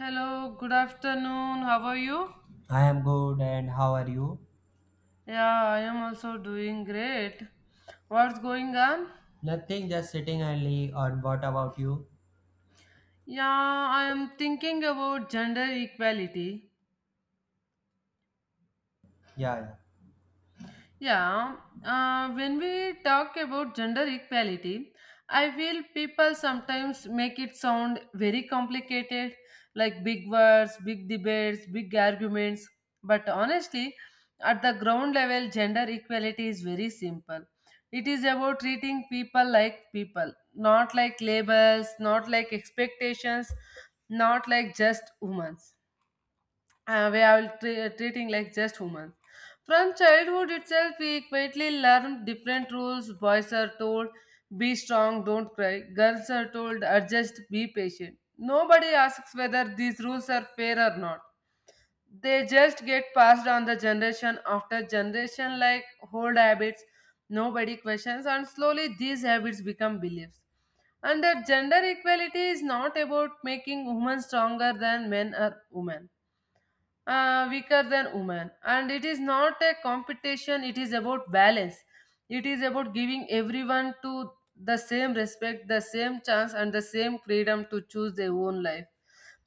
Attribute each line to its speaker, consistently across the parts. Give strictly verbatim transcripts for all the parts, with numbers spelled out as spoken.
Speaker 1: Hello, good afternoon. How are you?
Speaker 2: I am good, and how are you?
Speaker 1: Yeah, I am also doing great. What's going on?
Speaker 2: Nothing, just sitting idly. And what about you?
Speaker 1: Yeah, I am thinking about gender equality.
Speaker 2: Yeah, yeah.
Speaker 1: Yeah, uh, when we talk about gender equality, I feel people sometimes make it sound very complicated, like big words, big debates, big arguments. But honestly, at the ground level, gender equality is very simple. It is about treating people like people, not like labels, not like expectations, not like just women uh, where I will tre- treating like just humans. From childhood itself, we quietly learn different rules. Boys are told, be strong, don't cry. Girls are told, adjust, be patient. Nobody asks whether these rules are fair or not. They just get passed on the generation after generation like old habits. Nobody questions, and slowly these habits become beliefs. And that gender equality is not about making women stronger than men or women uh, weaker than women, and it is not a competition. It is about balance. It is about giving everyone to the same respect, the same chance, and the same freedom to choose their own life.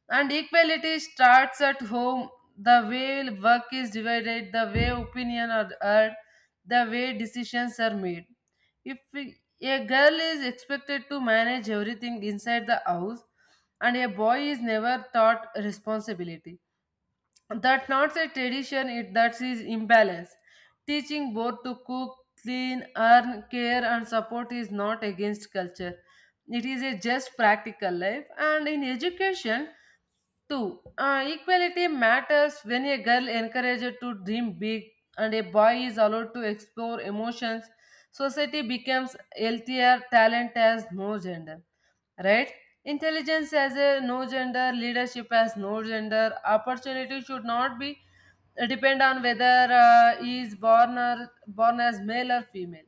Speaker 1: And equality starts at home, the way work is divided, the way opinion are heard, the way decisions are made. If we- A girl is expected to manage everything inside the house and a boy is never taught responsibility. That's not a tradition, it that is imbalance. Teaching both to cook, clean, earn, care, and support is not against culture. It is a just practical life, and in education too. Uh, equality matters when a girl encouraged to dream big and a boy is allowed to explore emotions. Society becomes healthier, talent has no gender, right? Intelligence has a no gender, leadership has no gender, opportunity should not be uh, depend on whether uh, he is born or born as male or female.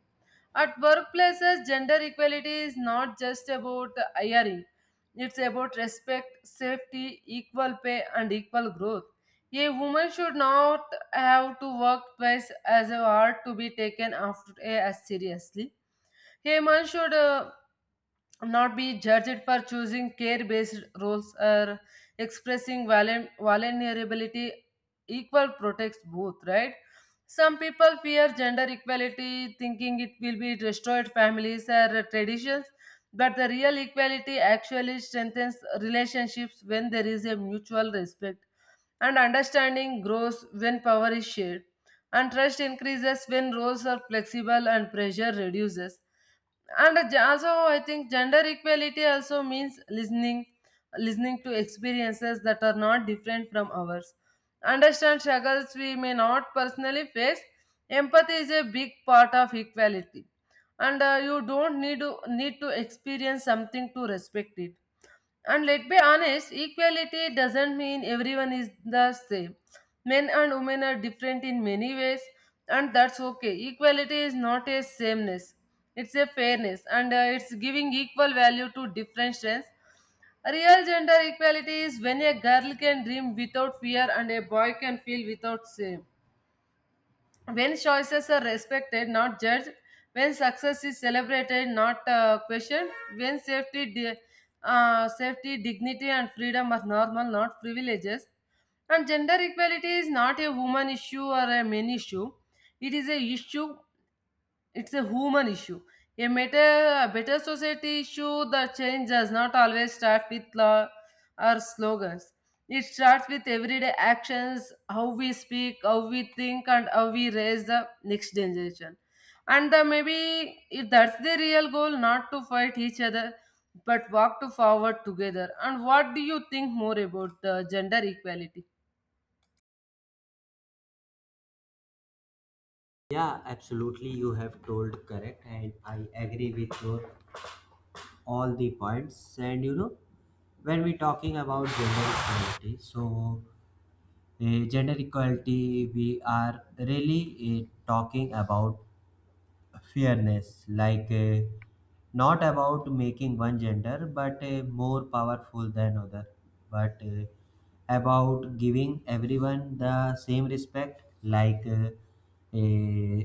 Speaker 1: At workplaces, gender equality is not just about hiring, it's about respect, safety, equal pay, and equal growth. A woman should not have to work twice as hard to be taken after as seriously. A man should uh, not be judged for choosing care based roles or expressing valen- vulnerability. Equal protects both right. Some people fear gender equality thinking it will be destroyed families or traditions, but the real equality actually strengthens relationships when there is a mutual respect, and understanding grows when power is shared, and trust increases when roles are flexible and pressure reduces. And uh, also, I think gender equality also means listening, listening to experiences that are not different from ours, understand struggles we may not personally face. Empathy is a big part of equality, and uh, you don't need to need to experience something to respect it. And let's be honest, equality doesn't mean everyone is the same. Men and women are different in many ways, and that's okay. Equality is not a sameness, it's a fairness, and uh, it's giving equal value to different strengths. Real gender equality is when a girl can dream without fear and a boy can feel without shame, when choices are respected not judged, when success is celebrated not uh, questioned, when safety di- uh, safety, dignity, and freedom are normal not privileges. And gender equality is not a woman issue or a men issue, it is a issue, it's a human issue. A better, a better society issue. The change does not always start with law or slogans. It starts with everyday actions, how we speak, how we think, and how we raise the next generation. And uh, maybe if that's the real goal, not to fight each other, but walk to forward together. And what do you think more about the gender equality?
Speaker 2: Yeah, absolutely. You have told correct, and I agree with your all the points. And you know, when we talking about gender equality, so uh, gender equality, we are really uh, talking about fairness like uh, not about making one gender but uh, more powerful than other but uh, about giving everyone the same respect like uh, uh,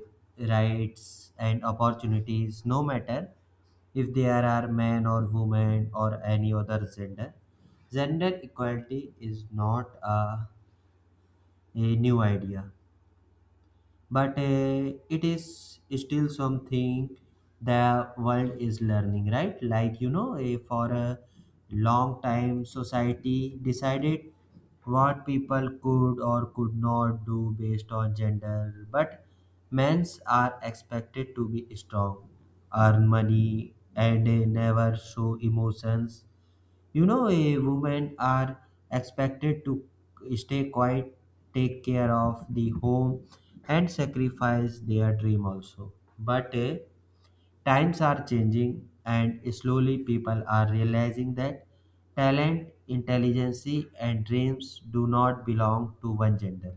Speaker 2: rights and opportunities no matter if there are men or women or any other gender. Gender equality is not a, a new idea but uh, it is still something the world is learning, right? Like you know eh, for a long time society decided what people could or could not do based on gender, but men's are expected to be strong, earn money, and eh, never show emotions. You know, a women are expected to stay quiet, take care of the home, and sacrifice their dream also. But eh, times are changing, and slowly people are realizing that talent, intelligence, and dreams do not belong to one gender.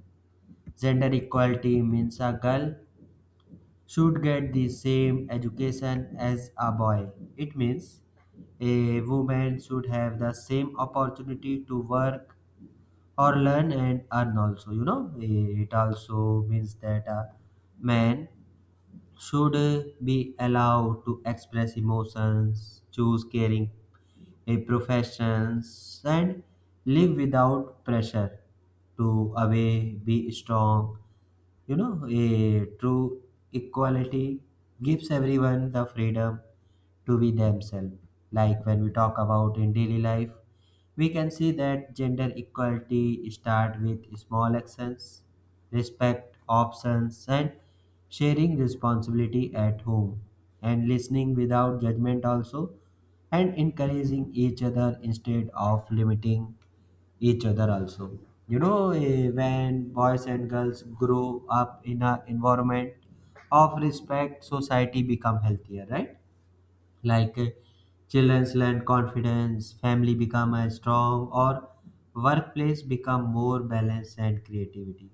Speaker 2: Gender equality means a girl should get the same education as a boy. It means a woman should have the same opportunity to work or learn and earn also. You know, it also means that a man should be allowed to express emotions, choose caring a professions, and live without pressure to away be strong. You know, a true equality gives everyone the freedom to be themselves. Like, when we talk about in daily life, we can see that gender equality start with small actions, respect options, and sharing responsibility at home, and listening without judgment also, and encouraging each other instead of limiting each other also. You know eh, when boys and girls grow up in an environment of respect, society become healthier, right? Like uh, children learn confidence, family become uh, strong, or workplace become more balanced and creativity.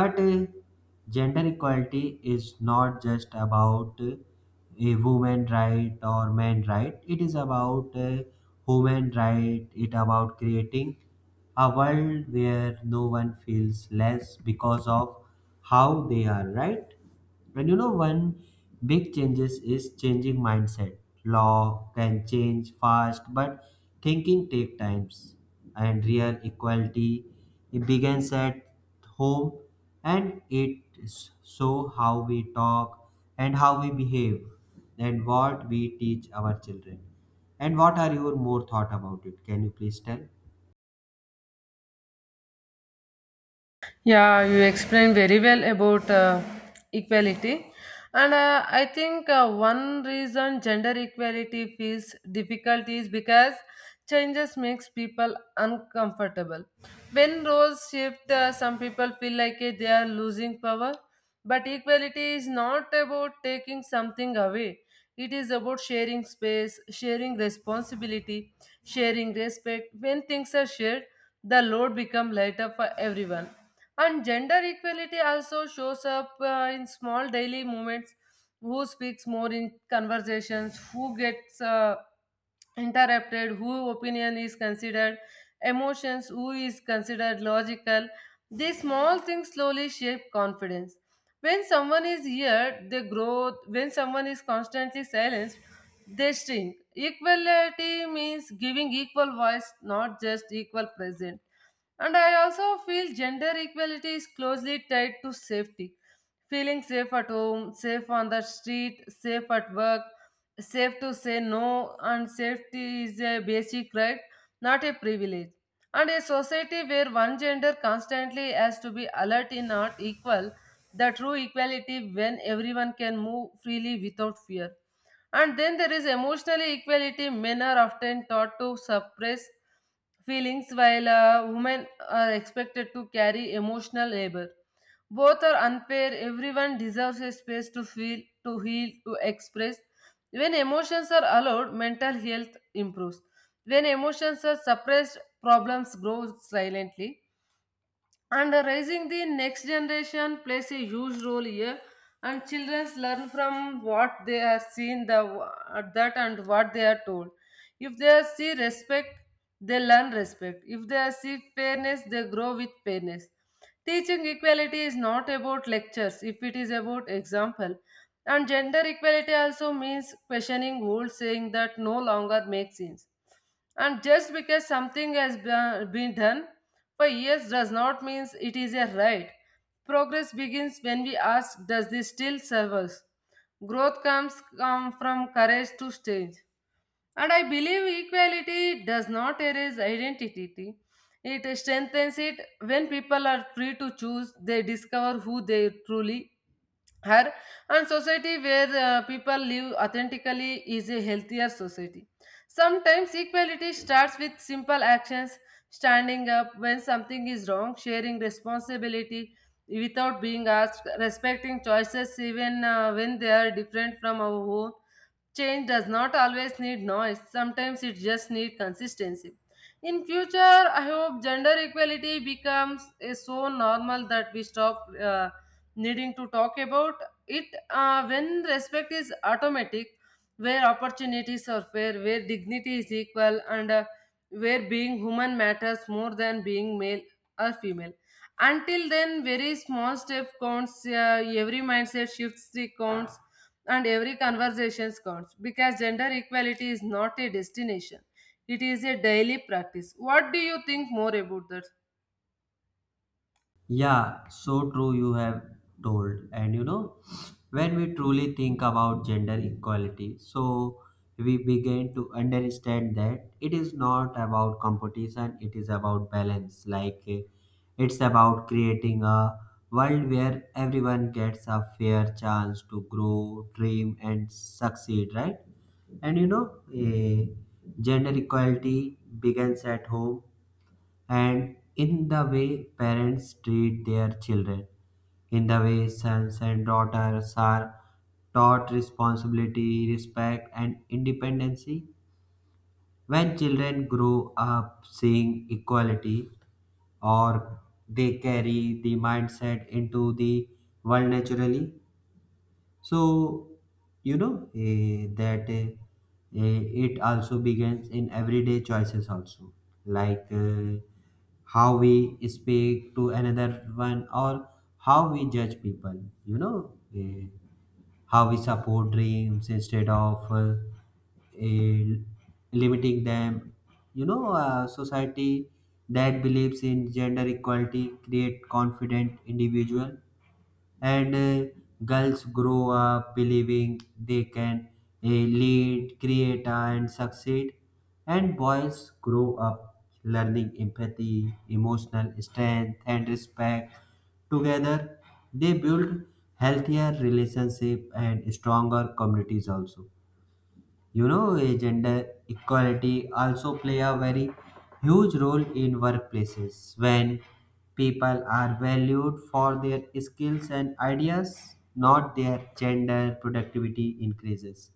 Speaker 2: But uh, gender equality is not just about uh, a woman right or man right, it is about a human right. It about creating a world where no one feels less because of how they are, right? And you know, one big changes is changing mindset. Law can change fast, but thinking take times. And real equality, it begins at home, and it is so how we talk and how we behave, and what we teach our children. And what are your more thought about it? Can you please tell?
Speaker 1: Yeah, you explained very well about uh, equality. And uh, I think uh, one reason gender equality feels difficult is because changes makes people uncomfortable. When roles shift, uh, some people feel like uh, they are losing power. But equality is not about taking something away. It is about sharing space, sharing responsibility, sharing respect. When things are shared, the load become lighter for everyone. And gender equality also shows up uh, in small daily moments, who speaks more in conversations, who gets uh, interrupted, who opinion is considered emotions, who is considered logical. These small things slowly shape confidence. When someone is here, they grow. When someone is constantly silenced, they shrink. Equality means giving equal voice, not just equal present. And I also feel gender equality is closely tied to safety. Feeling safe at home, safe on the street, safe at work, safe to say no, and safety is a basic right, not a privilege. And a society where one gender constantly has to be alert is not equal, the true equality when everyone can move freely without fear. And then there is emotional equality. Men are often taught to suppress feelings while uh, women are expected to carry emotional labor. Both are unfair. Everyone deserves a space to feel, to heal, to express. When emotions are allowed, mental health improves. When emotions are suppressed, problems grow silently. And uh, raising the next generation plays a huge role here. And children learn from what they have seen, the uh, that and what they are told. If they see respect, they learn respect. If they see fairness, they grow with fairness. Teaching equality is not about lectures, if it is about example. And gender equality also means questioning old saying that no longer makes sense, and just because something has be- been done for years does not mean it is a right. Progress begins when we ask, does this still serve us? Growth comes come from courage to change. And I believe equality does not erase identity. It strengthens it. When people are free to choose, they discover who they truly her. And society where uh, people live authentically is a healthier society. Sometimes equality starts with simple actions, standing up when something is wrong, sharing responsibility without being asked, respecting choices even uh, when they are different from our own. Change does not always need noise, sometimes it just needs consistency. In future, I hope gender equality becomes a so normal that we stop uh, needing to talk about it. Uh, when respect is automatic, where opportunities are fair, where dignity is equal, and uh, where being human matters more than being male or female. Until then, very small step counts, uh, every mindset shifts the counts, and every conversation counts, because gender equality is not a destination, it is a daily practice. What do you think more about that?
Speaker 2: Yeah, so true you have told. And you know, when we truly think about gender equality, so we begin to understand that it is not about competition, it is about balance. Like eh, it's about creating a world where everyone gets a fair chance to grow, dream, and succeed, right? And you know, eh, gender equality begins at home and in the way parents treat their children, in the way sons and daughters are taught responsibility, respect, and independency. When children grow up seeing equality, or they carry the mindset into the world naturally. So, you know, eh, that eh, eh, it also begins in everyday choices, also. Like eh, how we speak to another one, or how we judge people, you know, eh, how we support dreams instead of uh, eh, limiting them. You know, a society that believes in gender equality create confident individual. And uh, girls grow up believing they can uh, lead, create, and succeed, and boys grow up learning empathy, emotional strength, and respect. Together, they build healthier relationship and stronger communities also. You know eh, gender equality also play a very huge role in workplaces. When people are valued for their skills and ideas not their gender, productivity increases,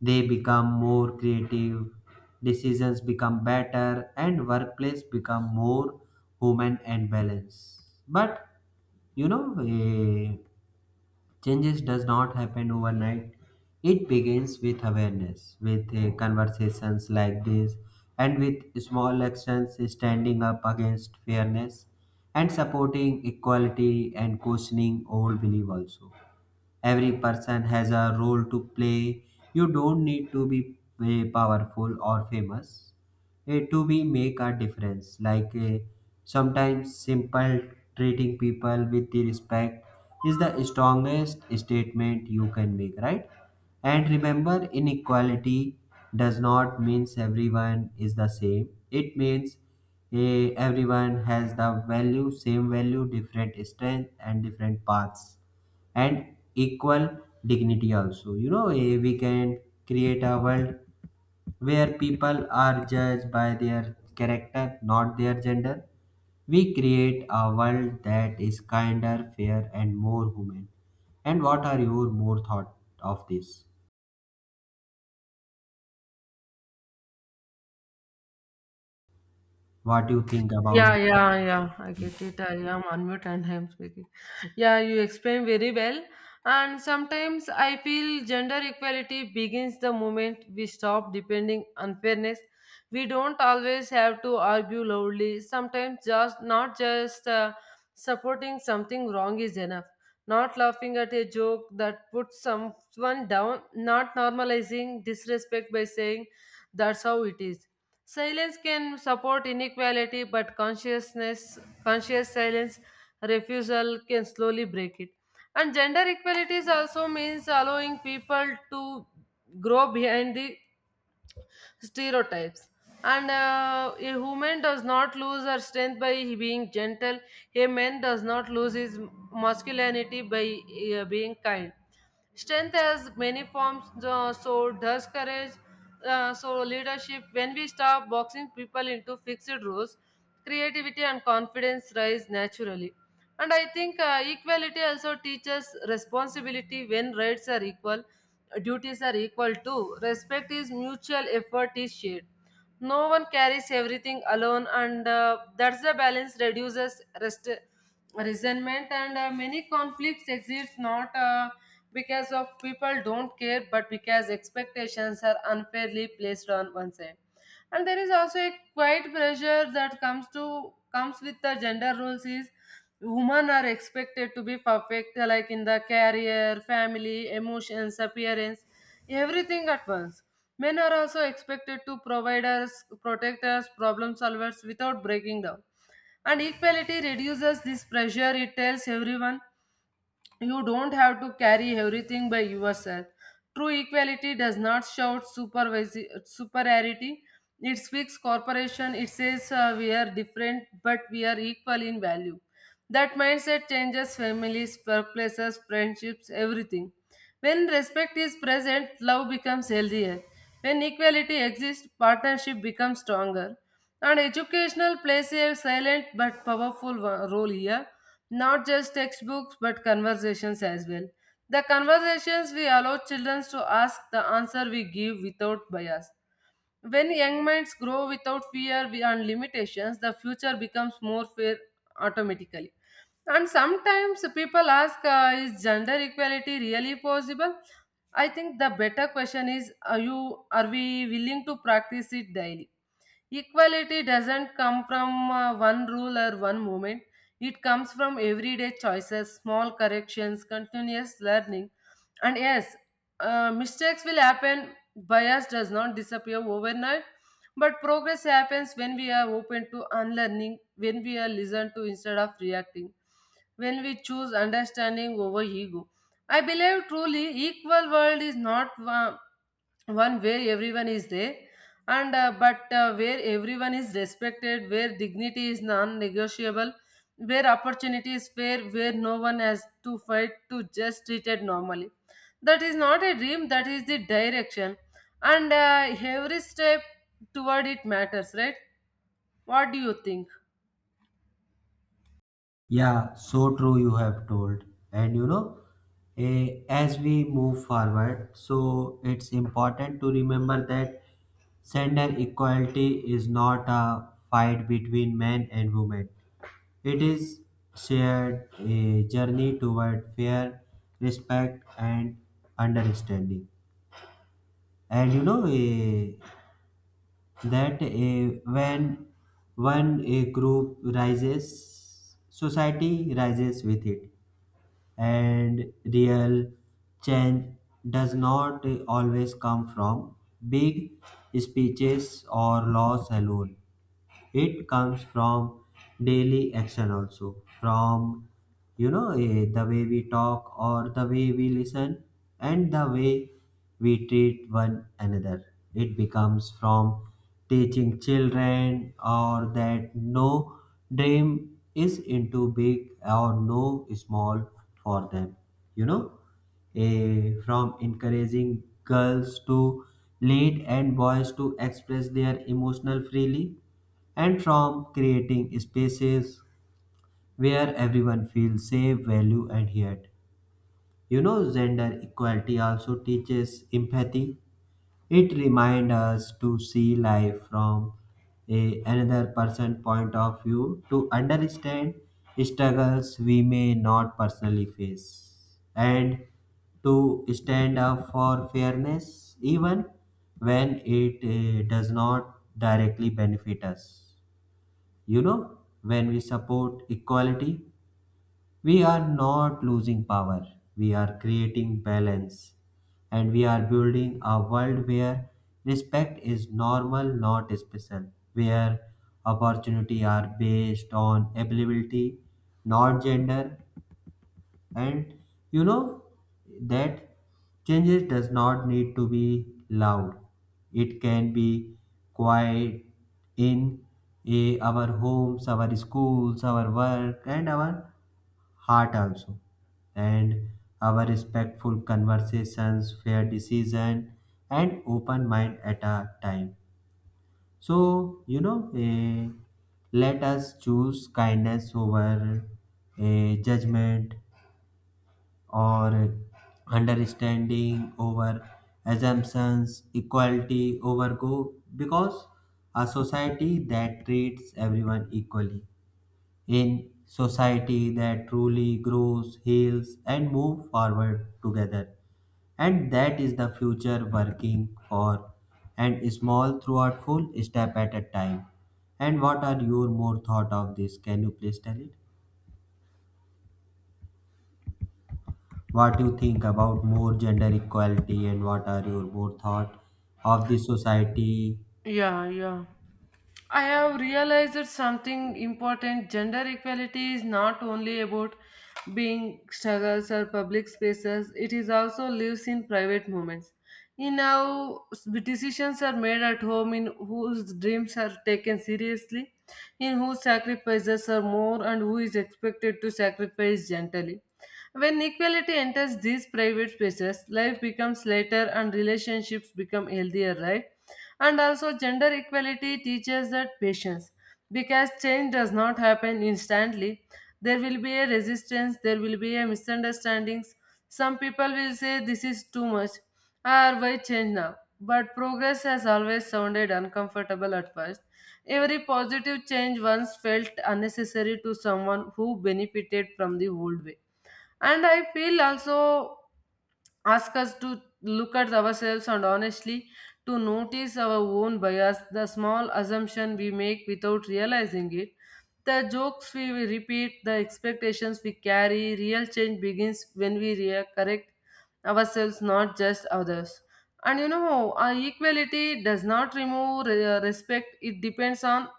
Speaker 2: they become more creative, decisions become better, and workplace become more human and balanced. But you know eh, changes does not happen overnight. It begins with awareness, with eh, conversations like this, and with small actions, standing up against fairness and supporting equality and questioning old belief also. Every person has a role to play. You don't need to be eh, powerful or famous eh, to be make a difference. Like eh, sometimes simple treating people with the respect is the strongest statement you can make, right? And remember, inequality does not means everyone is the same. It means eh, everyone has the value, same value, different strength, and different paths and equal dignity also. You know eh, we can create a world where people are judged by their character not their gender, we create a world that is kinder, fair, and more human. And what are your more thought of this, what do you think
Speaker 1: Yeah,
Speaker 2: about?
Speaker 1: yeah, yeah. I get it. I am unmute and I am speaking. Yeah, you explain very well. And sometimes I feel gender equality begins the moment we stop depending on fairness. We don't always have to argue loudly. Sometimes just not just uh, supporting something wrong is enough. Not laughing at a joke that puts someone down. Not normalizing disrespect by saying that's how it is. Silence can support inequality, but consciousness, conscious silence, refusal can slowly break it. And gender equality also means allowing people to grow behind the stereotypes. And uh, a woman does not lose her strength by being gentle. A man does not lose his masculinity by uh, being kind. Strength has many forms, uh, so does courage, uh, so leadership. When we stop boxing people into fixed roles, creativity and confidence rise naturally. And I think uh, equality also teaches responsibility. When rights are equal, duties are equal too. Respect is mutual, effort is shared. No one carries everything alone, and uh, that's the balance reduces rest- resentment. And uh, many conflicts exist not uh, because of people don't care, but because expectations are unfairly placed on one side. And there is also a quiet pressure that comes to comes with the gender roles is women are expected to be perfect, like in the career, family, emotions, appearance, everything at once. Men are also expected to provide us, protect us, problem solvers without breaking down. And equality reduces this pressure, it tells everyone, you don't have to carry everything by yourself. True equality does not shout supervisi- superiority. It speaks corporation. It says uh, we are different, but we are equal in value. That mindset changes families, workplaces, friendships, everything. When respect is present, love becomes healthier. When equality exists, partnership becomes stronger. And educational plays a silent but powerful wo- role here, not just textbooks but conversations as well. The conversations we allow children to ask, the answer we give without bias. When young minds grow without fear wi- and limitations, the future becomes more fair automatically. And sometimes people ask, uh, is gender equality really possible? I think the better question is, are you are we willing to practice it daily? Equality doesn't come from uh, one rule or one moment. It comes from everyday choices, small corrections, continuous learning. And yes, uh, mistakes will happen. Bias does not disappear overnight. But progress happens when we are open to unlearning, when we are listened to instead of reacting, when we choose understanding over ego. I believe truly equal world is not one one where everyone is there and uh, but uh, where everyone is respected, where dignity is non-negotiable, where opportunity is fair, where no one has to fight to just treated normally. That is not a dream, that is the direction, and uh, every step toward it matters, right? What do you think?
Speaker 2: Yeah, so true you have told. And you know, eh, as we move forward, so it's important to remember that gender equality is not a fight between men and women. It is shared a journey toward fair respect and understanding. And you know eh, that eh, when one a group rises, society rises with it. And real change does not always come from big speeches or laws alone, it comes from daily action also. From you know eh, the way we talk or the way we listen and the way we treat one another. It becomes from teaching children or that no dream is into big or no small for them. You know eh, from encouraging girls to lead and boys to express their emotional freely, and from creating spaces where everyone feels safe, valued, and heard. You know, gender equality also teaches empathy. It reminds us to see life from a, another person's point of view, to understand struggles we may not personally face, and to stand up for fairness even when it eh, does not directly benefit us. You know, when we support equality, we are not losing power, we are creating balance, and we are building a world where respect is normal, not special, where opportunity are based on ability, not gender. And you know that changes does not need to be loud. It can be quiet in eh, our homes, our schools, our work, and our heart also. And our respectful conversations, fair decision, and open mind at a time. So you know, eh, let us choose kindness over eh, judgment, or understanding over assumptions, equality over go, because a society that treats everyone equally, in society that truly grows, heals, and move forward together. And that is the future working for, and small throughout full step at a time. And what are your more thought of this? Can you please tell it? What you think about more gender equality, and what are your more thought of the society?
Speaker 1: Yeah, yeah. I have realized that something important: gender equality is not only about being struggles or public spaces, it is also lives in private moments. In how s- decisions are made at home, in whose dreams are taken seriously, in whose sacrifices are more, and who is expected to sacrifice gently. When equality enters these private spaces, life becomes lighter and relationships become healthier, right? And also, gender equality teaches that patience, because change does not happen instantly. There will be a resistance, there will be a misunderstandings. Some people will say this is too much, or why change now? But progress has always sounded uncomfortable at first. Every positive change once felt unnecessary to someone who benefited from the old way. And I feel also ask us to look at ourselves and honestly to notice our own bias, the small assumption we make without realizing it, the jokes we will repeat, the expectations we carry. Real change begins when we re- correct ourselves, not just others. And you know, uh, equality does not remove re- respect. It depends on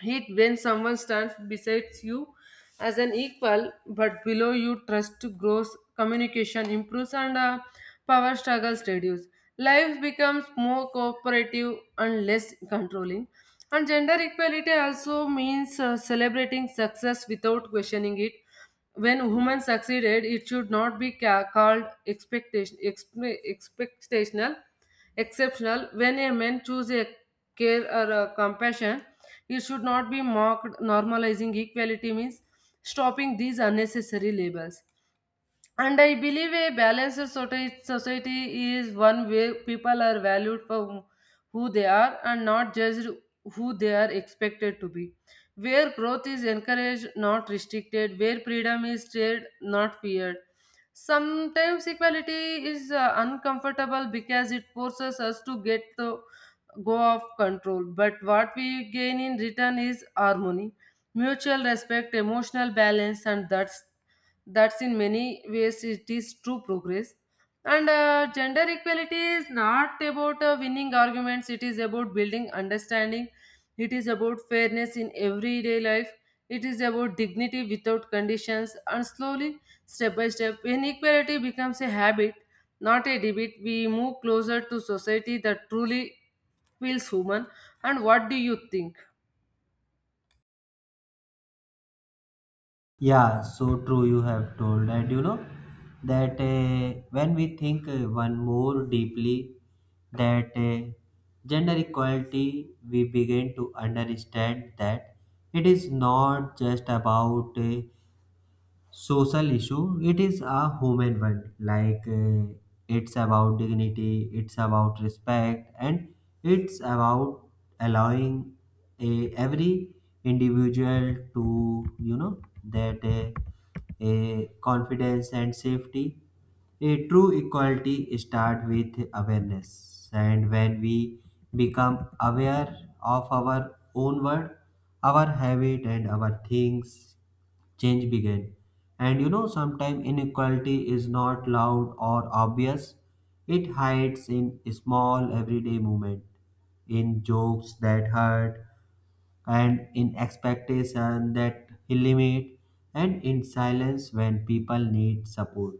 Speaker 1: Heat when someone stands beside you as an equal, but below you trust grows, communication improves, and uh, power struggles reduce. Life becomes more cooperative and less controlling. And gender equality also means uh, celebrating success without questioning it. When women succeeded, it should not be ca- called expectation, expe- expectational, exceptional. When a man chooses a care or a compassion, it should not be mocked. Normalizing equality means stopping these unnecessary labels. And I believe a balanced soci- society is one where people are valued for who they are and not judged who they are expected to be. Where growth is encouraged, not restricted. Where freedom is shared, not feared. Sometimes equality is uh, uncomfortable because it forces us to get the go of control. But what we gain in return is harmony, mutual respect, emotional balance, and that's that's in many ways it is true progress. And uh, gender equality is not about uh, winning arguments, it is about building understanding, it is about fairness in everyday life, it is about dignity without conditions. And slowly, step by step, when equality becomes a habit, not a debate, we move closer to society that truly feels human. And what do you think?
Speaker 2: Yeah, so true you have told. And you know that uh, when we think uh, one more deeply that uh, gender equality, we begin to understand that it is not just about uh, social issue, it is a human one. Like uh, it's about dignity, it's about respect, and it's about allowing a, every individual to, you know, that uh, a confidence and safety. A true equality start with awareness, and when we become aware of our own world, our habit, and our things, change began. And you know, sometimes inequality is not loud or obvious, it hides in small everyday movement, in jokes that hurt, and in expectation that limit, and in silence when people need support.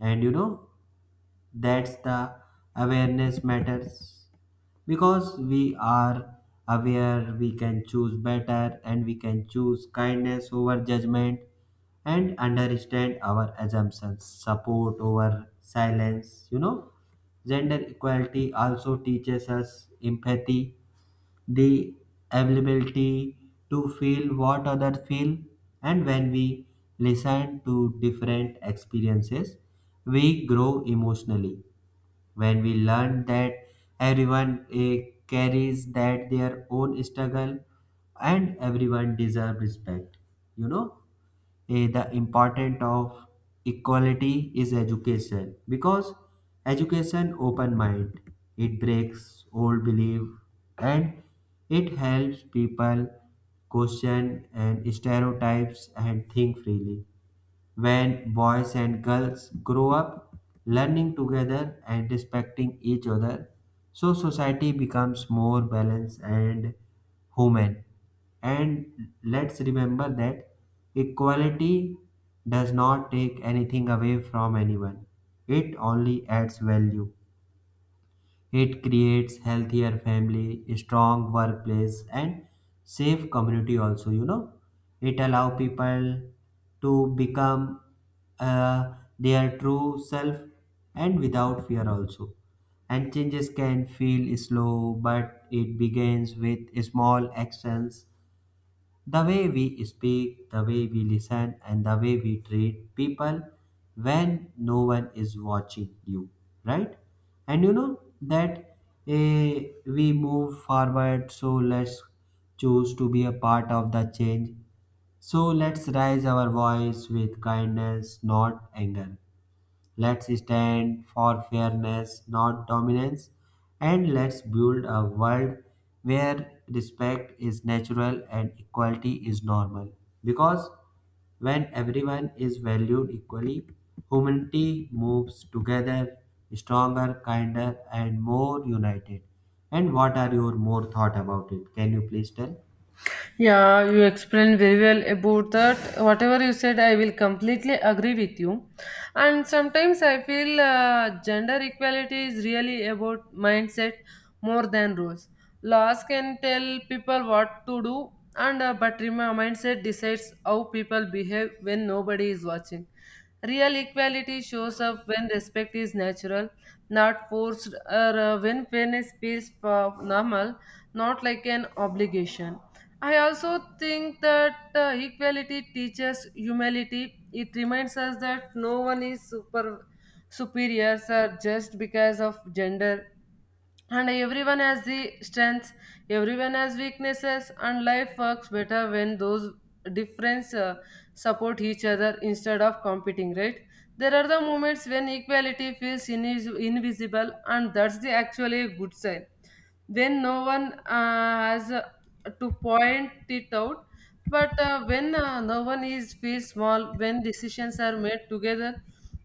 Speaker 2: And you know, that's the awareness matters because we are aware, we can choose better, and we can choose kindness over judgment, and understand our assumptions, support over silence. You know, gender equality also teaches us empathy, the ability to feel what others feel. And when we listen to different experiences, we grow emotionally, when we learn that everyone eh, carries that their own struggle and everyone deserve respect. You know eh, the important of equality is education because education open mind, it breaks old belief, and it helps people question and stereotypes and think freely. When boys and girls grow up learning together and respecting each other, so society becomes more balanced and human. And let's remember that equality does not take anything away from anyone, it only adds value. It creates healthier family, strong workplace, and safe community also, you know. It allow people to become uh, their true self and without fear also. And changes can feel slow, but it begins with small actions, the way we speak, the way we listen, and the way we treat people when no one is watching you, right? And you know that eh, we move forward, so let's choose to be a part of the change. So let's raise our voice with kindness, not anger. Let's stand for fairness, not dominance, and let's build a world where respect is natural and equality is normal. Because when everyone is valued equally, humanity moves together stronger, kinder, and more united. And what are your more thought about it? Can you please tell?
Speaker 1: Yeah, you explained very well about that. Whatever you said, I will completely agree with you. And sometimes I feel uh, gender equality is really about mindset more than rules. Laws can tell people what to do, and uh, but rem- mindset decides how people behave when nobody is watching. Real equality shows up when respect is natural, not forced, or uh, when fairness feels uh, normal, not like an obligation. I also think that uh, equality teaches humility. It reminds us that no one is super superior sir, just because of gender. And everyone has the strengths, everyone has weaknesses, and life works better when those differences uh, support each other instead of competing, right? There are the moments when equality feels invis- invisible, and that's the actually a good sign, when no one uh, has uh, to point it out, but uh, when uh, no one is feels small, when decisions are made together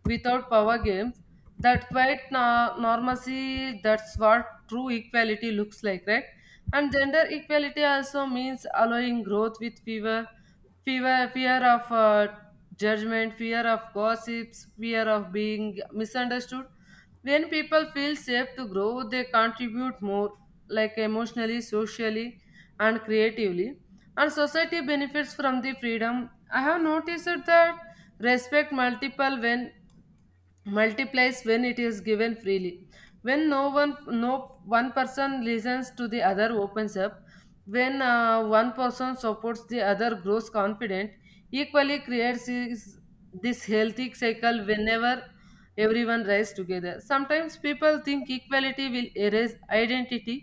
Speaker 1: without power games, that quite na- normalcy, that's what true equality looks like, right? And gender equality also means allowing growth with fever fear fear of uh, judgment, fear of gossips, fear of being misunderstood. When people feel safe to grow, they contribute more, like emotionally, socially, and creatively, and society benefits from the freedom. I have noticed that respect multiple when multiplies when it is given freely, when no one no one person listens to the other opens up, when uh, one person supports the other grows confident. Equally creates is- this healthy cycle whenever everyone rises together. Sometimes people think equality will erase identity,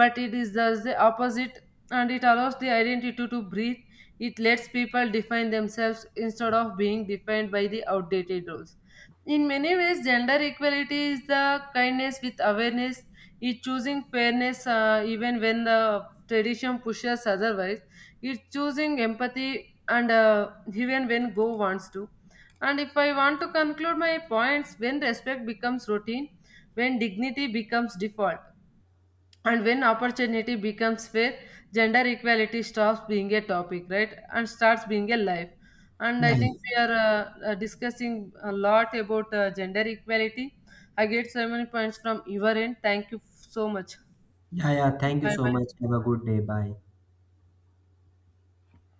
Speaker 1: but it is just the opposite, and it allows the identity to breathe. It lets people define themselves instead of being defined by the outdated rules. In many ways, gender equality is the kindness with awareness, it choosing fairness uh, even when the tradition pushes otherwise, it choosing empathy and uh, even when go wants to. And if I want to conclude my points, when respect becomes routine, when dignity becomes default, and when opportunity becomes fair, gender equality stops being a topic, right, and starts being a life. And
Speaker 2: Yeah,
Speaker 1: I think
Speaker 2: yeah,
Speaker 1: we are uh, uh, discussing a lot about uh, gender equality. I get so many points from your end, thank you so much.
Speaker 2: yeah. yeah. Thank you
Speaker 1: Bye
Speaker 2: so
Speaker 1: bye.
Speaker 2: much. Have a good day. Bye.